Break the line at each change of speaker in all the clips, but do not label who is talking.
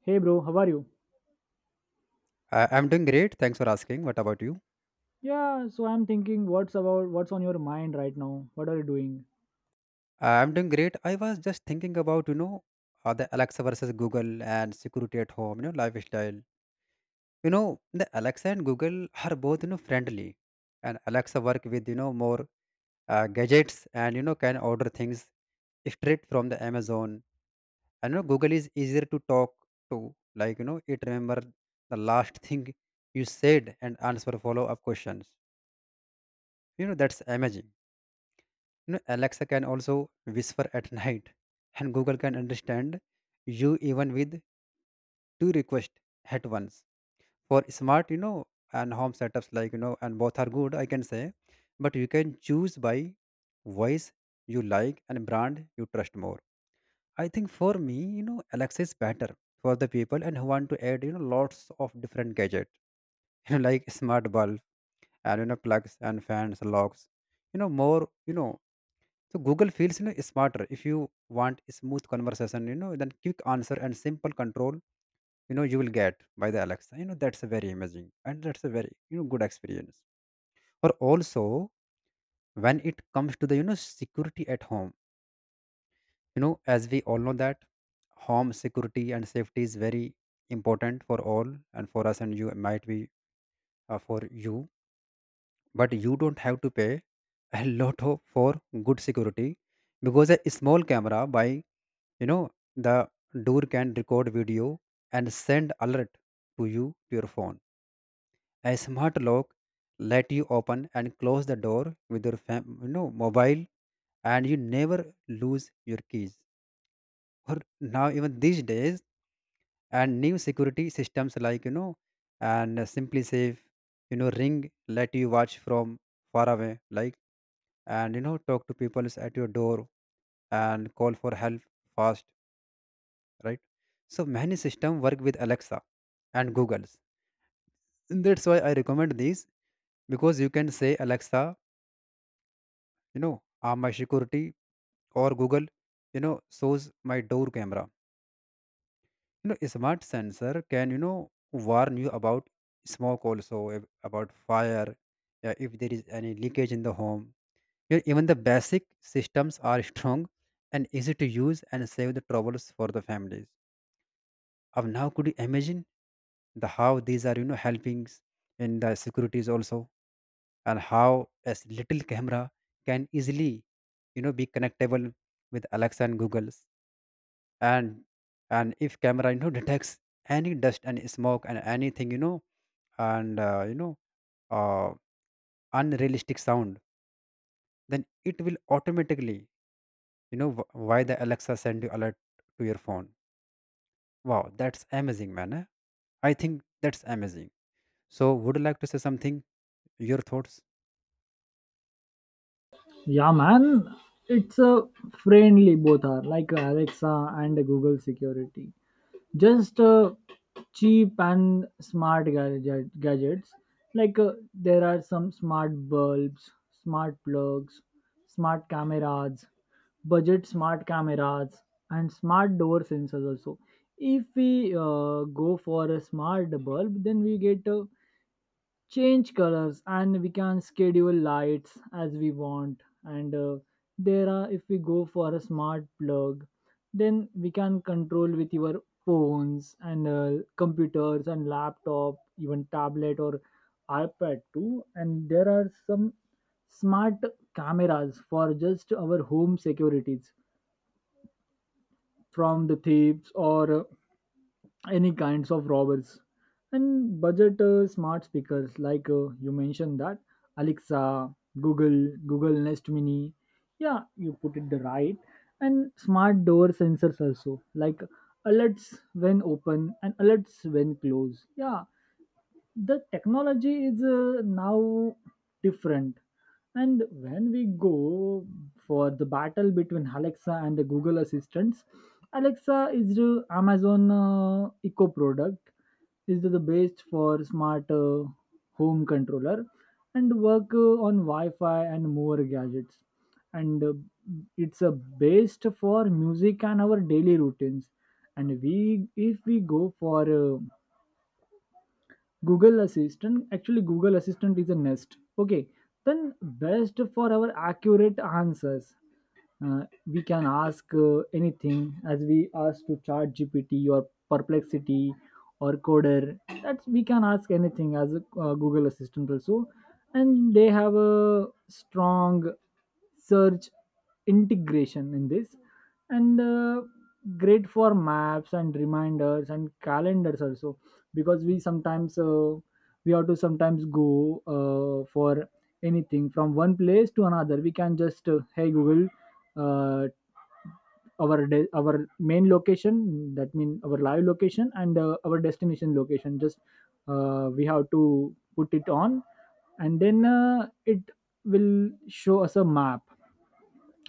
Hey bro, how are you?
I'm doing great. Thanks for asking. What about you?
Yeah, so I'm thinking what's on your mind right now? What are you doing?
I'm doing great. I was just thinking about, the Alexa versus Google and security at home, lifestyle. The Alexa and Google are both, friendly. And Alexa work with, more gadgets and, can order things straight from the Amazon. And, Google is easier to talk to. It remember the last thing you said and answer follow-up questions. That's amazing. Alexa can also whisper at night, and Google can understand you even with two requests at once. For smart, you know, and home setups like you know, and both are good, I can say, but you can choose by voice you like and brand you trust more. I think for me, Alexa is better for the people and who want to add, lots of different gadgets, like smart bulb and plugs and fans, locks, you know, more, you know, So Google feels smarter if you want smooth conversation, then quick answer and simple control, you will get by the Alexa. That's a very amazing and that's a very good experience. Or also when it comes to the security at home, as we all know that home security and safety is very important for all and for us and you might be for you, but you don't have to pay a lot of for good security because a small camera by you know the door can record video and send alert to you, to your phone. A smart lock let you open and close the door with your mobile and you never lose your keys. Or now even these days and new security systems like you know and simply safe, ring, let you watch from far away, like, and talk to people at your door and call for help fast, right? So many system work with Alexa and Google's. And that's why I recommend these because you can say Alexa, you know arm my security, or Google, shows my door camera. You know, smart sensor can warn you about smoke, also about fire. Yeah, if there is any leakage in the home. Here, even the basic systems are strong and easy to use and save the troubles for the families. Of now, could you imagine the how these are, helpings in the securities also, and how as little camera can easily, be connectable with Alexa and Google's, and and if camera, detects any dust and smoke and anything, and uh, you know, uh, unrealistic sound, then it will automatically why the Alexa send you alert to your phone. Wow, that's amazing man, eh? I think that's amazing. So would you like to say something? Your thoughts?
Yeah man, it's a friendly both are like Alexa and Google security. Just cheap and smart gadgets. Like there are some smart bulbs, smart plugs, smart cameras, budget smart cameras and smart door sensors also. If we go for a smart bulb then we get a change colors and we can schedule lights as we want, and there are if we go for a smart plug then we can control with your phones and computers and laptop, even tablet or iPad too. And there are some smart cameras for just our home securities from the thieves or any kinds of robbers, and budget smart speakers like you mentioned that. Alexa, google google Nest Mini, yeah, you put it the right, and smart door sensors also, like alerts when open and alerts when close. Yeah, the technology is now different. And when we go for the battle between Alexa and the Google Assistants, Alexa is the Amazon eco product, is the best for smart home controller and work on wi-fi and more gadgets, and it's a best for music and our daily routines. And we if we go for uh, Google Assistant. Actually, Google Assistant is a Nest. Okay, then best for our accurate answers. We can ask anything as we ask to chat GPT or perplexity or coder. That's, we can ask anything as a Google assistant also, and they have a strong search integration in this. And great for maps and reminders and calendars also, because we have to sometimes go for anything from one place to another. We can just hey Google, uh, our main location, that means our live location, and our destination location, just we have to put it on, and then it will show us a map.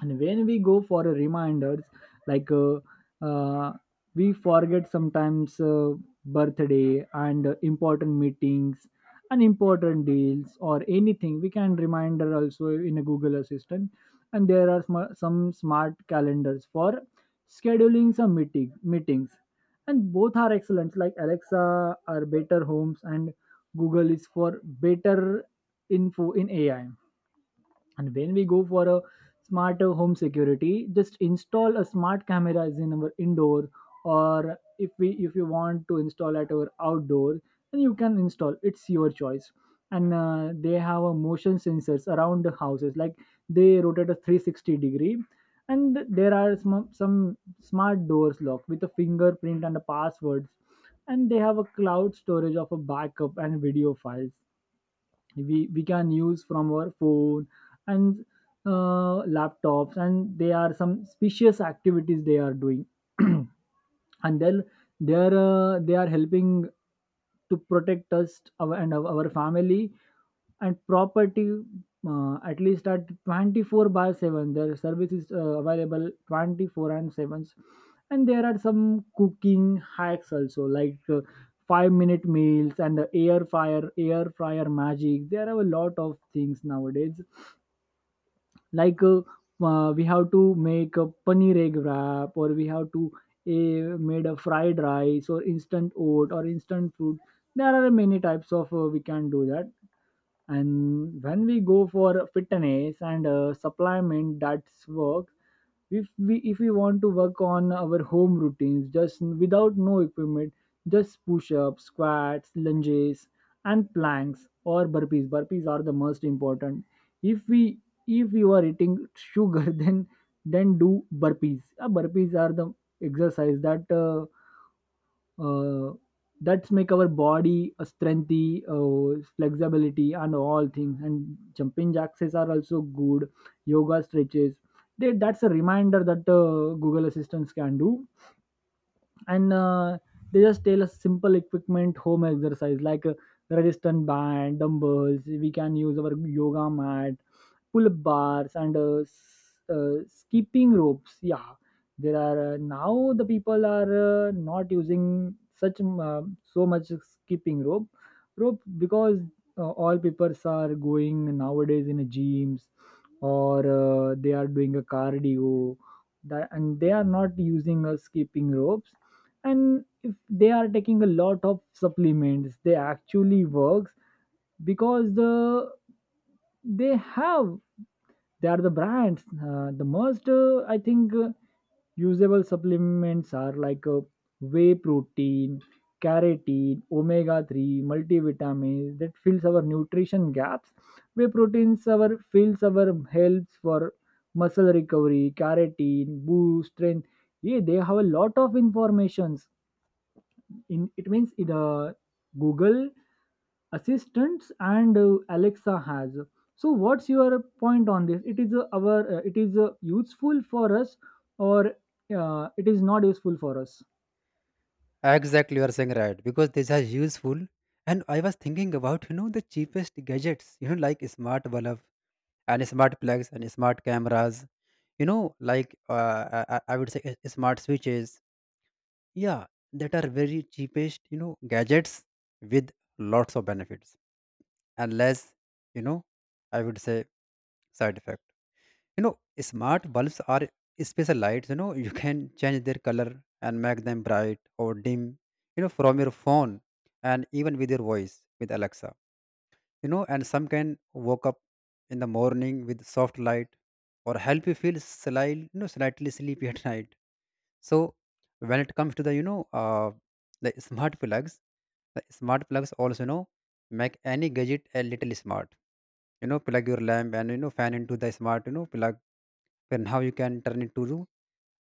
And when we go for a reminders, like uh, we forget sometimes birthday and important meetings and important deals or anything, we can reminder also in a Google assistant. And there are some smart calendars for scheduling some meetings. And both are excellent, like Alexa are better homes and Google is for better info in AI. And when we go for a smarter home security, just install a smart cameras in our indoor, or if you want to install at our outdoor, then you can install. It's your choice. And they have a motion sensors around the houses, like they rotate a 360 degree. And there are some smart doors locked with a fingerprint and a passwords. And they have a cloud storage of a backup and video files we can use from our phone and laptops, and they are some specious activities they are doing and then they are they are helping to protect us our family and property, at least at 24 by 7. Their service is available 24 and 7. And there are some cooking hacks also, like 5-minute meals and the air fryer magic. There are a lot of things nowadays. Like we have to make a paneer egg wrap, or we have to made a fried rice, or instant oat, or instant fruit. There are many types of we can do that. And when we go for fitness and supplement, that's work. If we if we want to work on our home routines just without no equipment, just push-ups, squats, lunges, and planks or burpees. Burpees are the most important. If we, if you are eating sugar, then do burpees. Burpees are the exercise that uh, that's make our body a strengthy, flexibility and all things. And jumping jacks are also good, yoga stretches. They that's a reminder that Google assistants can do. And they just tell us simple equipment home exercise, like a resistant band, dumbbells, we can use our yoga mat, pull bars, and skipping ropes. Yeah, there are now the people are not using such so much skipping rope, because all people are going nowadays in a gyms, or they are doing a cardio and they are not using a skipping ropes. And if they are taking a lot of supplements, they actually works, because the they have they are the brands, the most, I think usable supplements, are like whey protein, carotene, omega 3, multivitamins, that fills our nutrition gaps. Whey proteins our, fills our, helps for muscle recovery, carotene boost strength. Yeah, they have a lot of informations in it, means in Google assistants and Alexa has. So what's your point on this? It is our, it is useful for us, or it is not useful for us.
Exactly, you are saying right because these are useful. And I was thinking about the cheapest gadgets like smart bulb and smart plugs and smart cameras, I would say smart switches. Yeah, that are very cheapest gadgets with lots of benefits, unless, you know I would say, side effect. You know, smart bulbs are special lights. You can change their color and make them bright or dim. From your phone and even with your voice with Alexa. And some can wake up in the morning with soft light or help you feel slightly, slightly sleepy at night. So when it comes to the the smart plugs, the smart plugs also make any gadget a little smart. You know, plug your lamp and fan into the smart plug and how you can turn it to,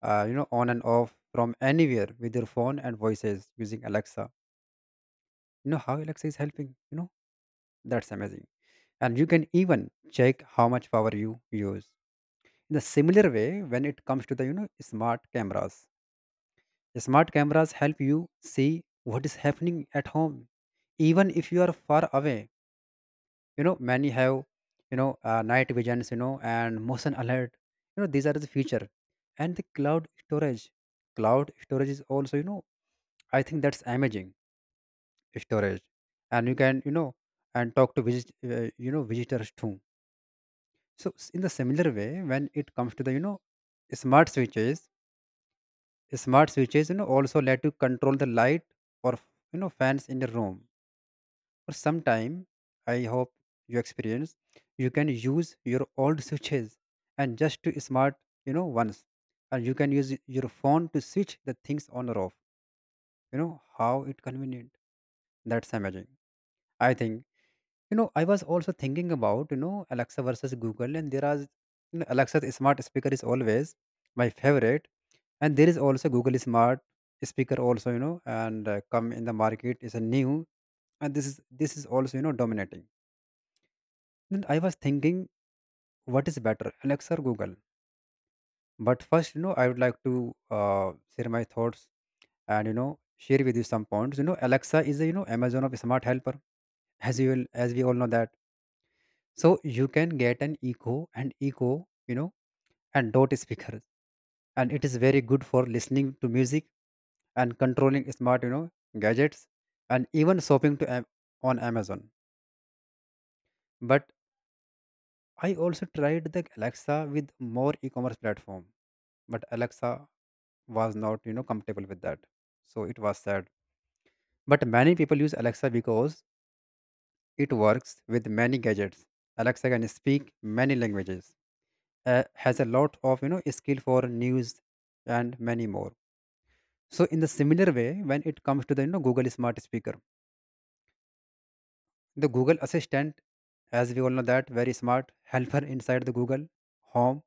on and off from anywhere with your phone and voices using Alexa. You know how Alexa is helping. You know, that's amazing. And you can even check how much power you use. In a similar way, when it comes to the smart cameras, smart cameras help you see what is happening at home even if you are far away. Many have, night visions, and motion alert. You know, these are the feature. And the cloud storage, cloud storage is also, I think that's amazing, storage. And you can, you know and talk to visitors too. So in the similar way, when it comes to the smart switches, smart switches also let you control the light or, fans in the room, or sometime, I hope, you experience. You can use your old switches and just to smart, ones, and you can use your phone to switch the things on or off. You know how it convenient. That's amazing, I think. You know, I was also thinking about Alexa versus Google. And there are, Alexa's smart speaker is always my favorite. And there is also Google smart speaker also, you know and come in the market is a new. And this is also, dominating. Then I was thinking, what is better, Alexa or Google? But first, I would like to share my thoughts and share with you some points. You know, Alexa is a Amazon of smart helper, as you will, as we all know that. So you can get an Echo, and Echo, you know, and Dot speakers, and it is very good for listening to music and controlling smart, gadgets, and even shopping to on Amazon. But I also tried the Alexa with more e-commerce platform, but Alexa was not comfortable with that, so it was sad. But many people use Alexa because it works with many gadgets. Alexa can speak many languages, has a lot of skill for news and many more. So in the similar way, when it comes to the Google smart speaker, the Google Assistant, as we all know that, very smart helper inside the Google Home,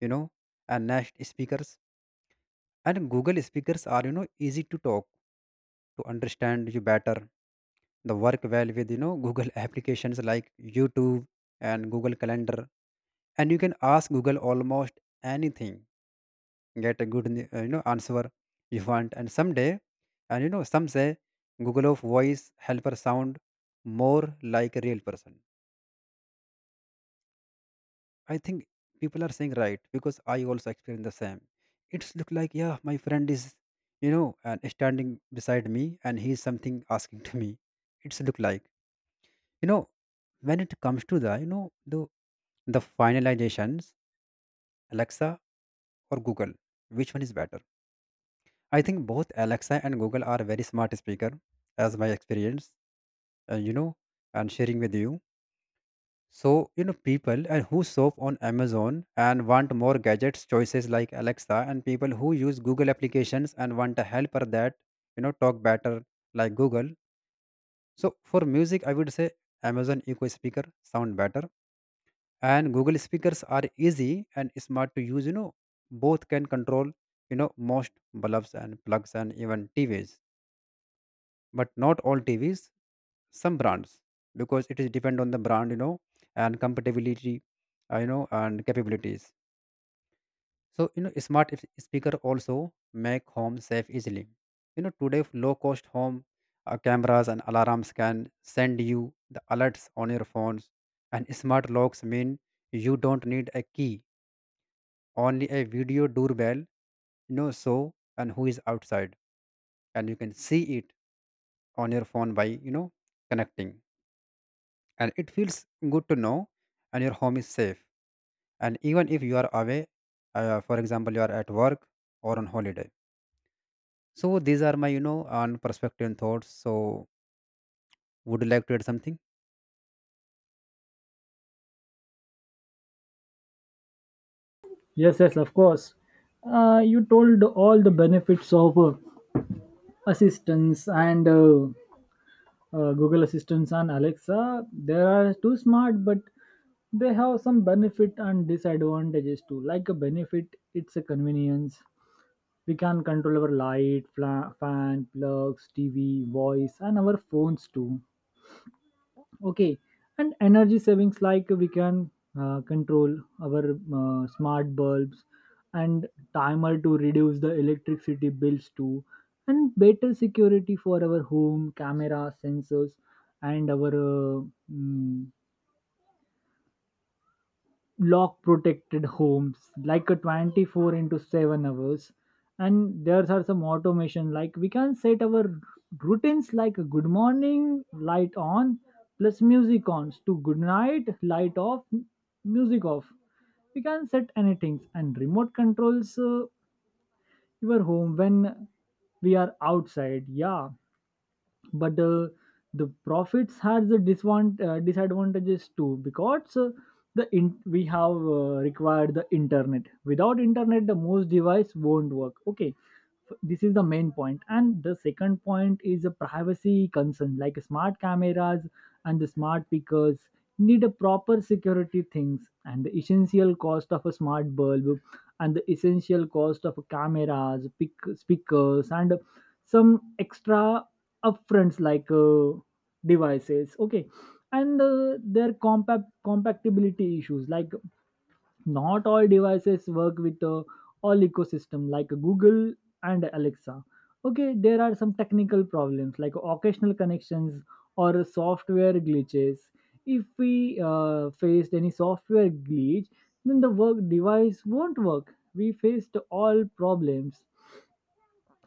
you know and Nest speakers. And Google speakers are, easy to talk to, understand you better. The work well with Google applications like YouTube and Google Calendar. And you can ask Google almost anything, get a good, answer you want. And someday, and you know some say Google of voice helper sound more like a real person. I think people are saying right because I also experience the same. It's look like, yeah, my friend is, you know and standing beside me and he's something asking to me. It's look like, you know when it comes to the the the finalizations, Alexa or Google. Which one is better? I think both Alexa and Google are very smart speaker, as my experience, uh, you know, and sharing with you. So people and who shop on Amazon and want more gadgets choices like Alexa, and people who use Google applications and want a helper that talk better, like Google. So for music, I would say Amazon Echo Speaker sound better. And Google speakers are easy and smart to use. You know, both can control, most bulbs and plugs and even TVs, but not all TVs, some brands, because it is depend on the brand, and compatibility, and capabilities. So smart speaker also make home safe easily. You know, today low cost home, cameras and alarms can send you the alerts on your phones. And smart locks mean you don't need a key, only a video doorbell, so and who is outside, and you can see it on your phone by, connecting. And it feels good to know and your home is safe, and even if you are away, for example, you are at work or on holiday. So these are my, on perspective and thoughts. So would you like to add something?
Yes, yes, of course. You told all the benefits of assistance and Google Assistants and Alexa. They are too smart, but they have some benefit and disadvantages too. Like a benefit, it's a convenience. We can control our light, fan, plugs, TV, voice, and our phones too, okay, and energy savings, like we can control our smart bulbs and timer to reduce the electricity bills too, and better security for our home camera sensors and our uh, mm, lock protected homes like a 24 into 7 hours. And there are some automation, like we can set our routines like a good morning light on plus music on to good night light off, music off, we can set anything. And remote controls your home when we are outside, yeah. But the profits has the disadvantages too, because we have required the internet. Without internet, the most device won't work, okay, this is the main point. And the second point is a privacy concern, like smart cameras and the smart speakers need a proper security things, and the essential cost of a smart bulb and the essential cost of cameras, speakers, and some extra upfronts, like devices, okay. And their compact compatibility issues, like not all devices work with all ecosystem like Google and Alexa. Okay, there are some technical problems like occasional connections or software glitches. If we faced any software glitch, then the work device won't work, we faced all problems.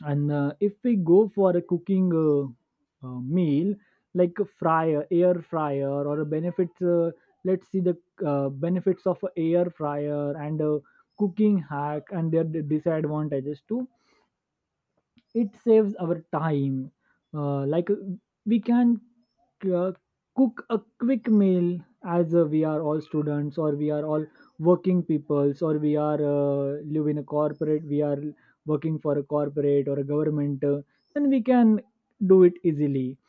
And if we go for a cooking meal like a fryer air fryer, or a benefits, let's see the benefits of a air fryer and a cooking hack, and their disadvantages too. It saves our time, like we can uh, cook a quick meal, as we are all students, or we are all working peoples, or we are live in a corporate, we are working for a corporate or a government, then we can do it easily.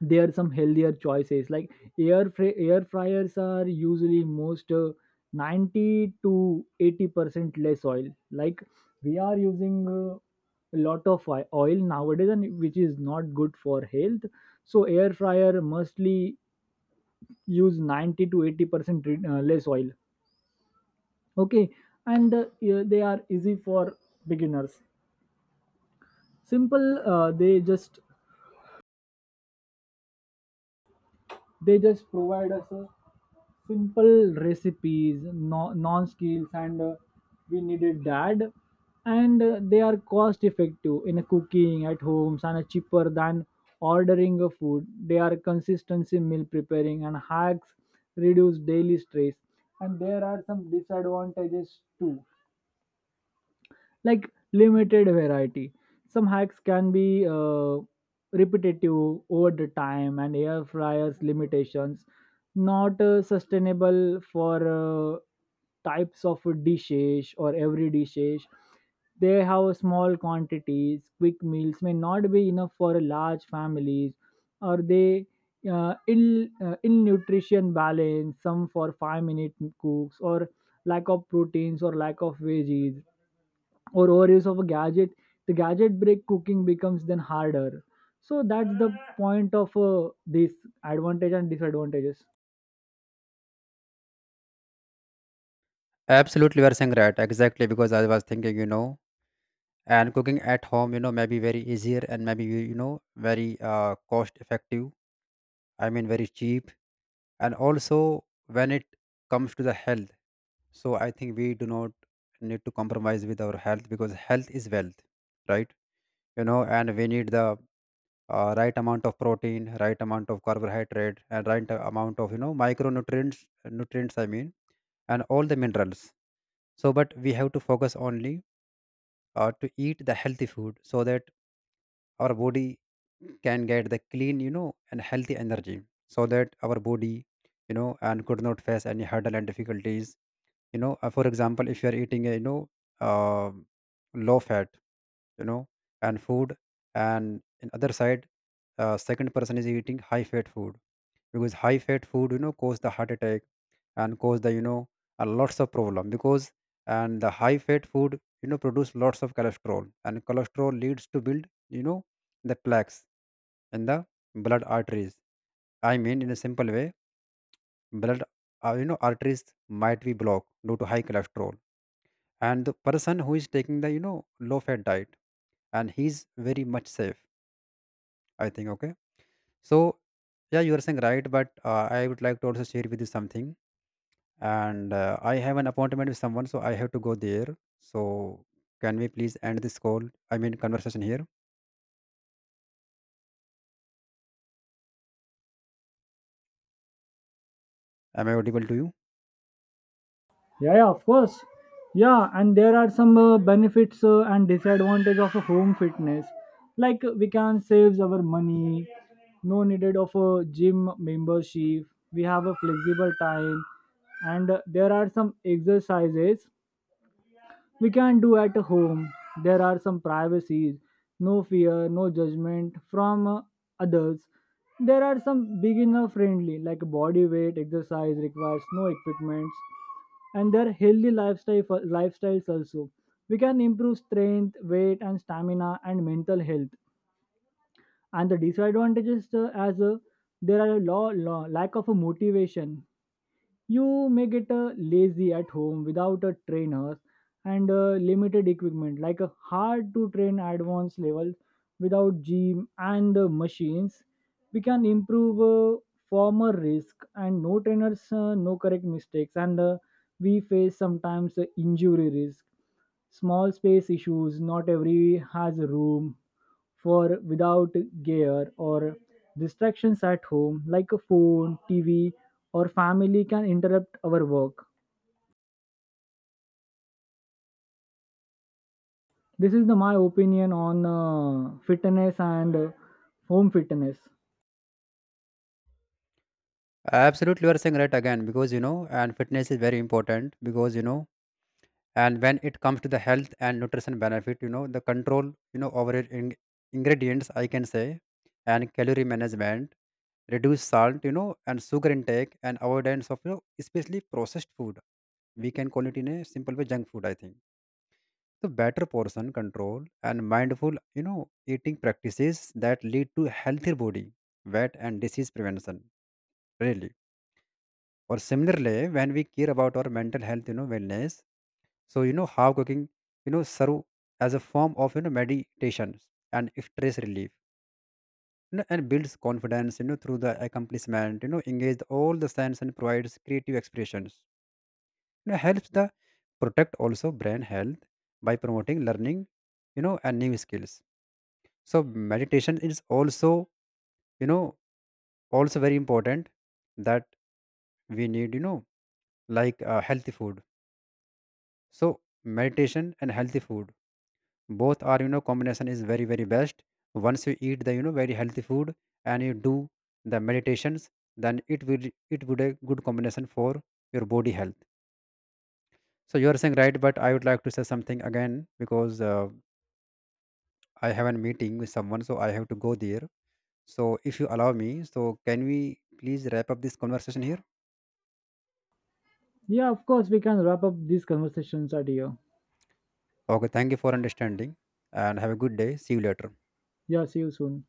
There are some healthier choices, like air fryers are usually most 90 to 80% less oil. Like we are using a lot of oil nowadays, and which is not good for health. So air fryer mostly use 90 to 80% less oil, okay. And yeah, they are easy for beginners, simple, they just provide us a simple recipes, no, non skills, and we needed that. And they are cost effective in a cooking at homes, and cheaper than ordering a food. They are consistency, meal preparing and hacks reduce daily stress. And there are some disadvantages too, like limited variety. Some hacks can be repetitive over the time, and air fryers limitations, not sustainable for types of dishes or every dishes. They have small quantities. Quick meals may not be enough for large families, or they ill nutrition balance. Some for 5-minute cooks, or lack of proteins or lack of veggies, or overuse of a gadget, the gadget break, cooking becomes then harder. So that's the point of this advantage and disadvantages.
Absolutely, you are saying right exactly because I was thinking, you know and cooking at home, maybe very easier and maybe very cost effective, I mean very cheap. And also when it comes to the health, so I think we do not need to compromise with our health because health is wealth, right? And we need the, right amount of protein, right amount of carbohydrate, and right amount of micronutrients, nutrients I mean, and all the minerals. So but we have to focus only, to eat the healthy food so that our body can get the clean, and healthy energy, so that our body, you know and could not face any hurdle and difficulties. For example, if you are eating a, um low fat, you know and food, and in other side, second person is eating high fat food, because high fat food, cause the heart attack and cause the, a lots of problem because, and the high fat food, produce lots of cholesterol. And cholesterol leads to build, you know the plaques in the blood arteries, I mean in a simple way, blood, arteries might be blocked due to high cholesterol. And the person who is taking the, low fat diet, and he's very much safe, I think. Okay, so yeah, you are saying right but, I would like to also share with you something and, I have an appointment with someone, so I have to go there. So can we please end this call, I mean conversation, here? Am I audible to you?
Yeah, yeah, of course. Yeah, and there are some benefits and disadvantage of a home fitness, like we can save our money, no needed of a gym membership, we have a flexible time, and there are some exercises we can do at home. There are some privacies, no fear, no judgment from others. There are some beginner friendly, like body weight exercise requires no equipments, and their healthy lifestyles also. We can improve strength, weight, and stamina and mental health. And the disadvantages, there are a law lack of a motivation, you may get lazy at home without a trainer. And limited equipment, like a hard to train advanced level without gym and the machines, we can improve former risk and no trainers, no correct mistakes. And we face sometimes injury risk, small space issues, not every has a room for without gear, or distractions at home like a phone, TV or family can interrupt our work. This is the my opinion on fitness and home fitness.
Absolutely, you are saying right again because, you know and fitness is very important because, you know and when it comes to the health and nutrition benefit, the control, over it, ingredients I can say, and calorie management, reduce salt, and sugar intake, and avoidance of, especially processed food, we can call it in a simple way junk food, I think. So better portion control and mindful, you know eating practices that lead to healthier body weight and disease prevention, really. Or similarly, when we care about our mental health, wellness. So how cooking, serve as a form of meditation and stress relief, and builds confidence, through the accomplishment, engage all the sense and provides creative expressions. Helps the protect also brain health by promoting learning, and new skills. So meditation is also, you know, also very important that we need, healthy food. So meditation and healthy food both are, combination is very very best. Once you eat the, very healthy food and you do the meditations, then it will, it would a good combination for your body health. So you are saying right but I would like to say something again because, I have a meeting with someone so I have to go there. So if you allow me, so can we please wrap up this conversation here?
Yeah, of course, we can wrap up these conversations at here.
Okay, thank you for understanding and have a good day, see you later.
Yeah, see you soon.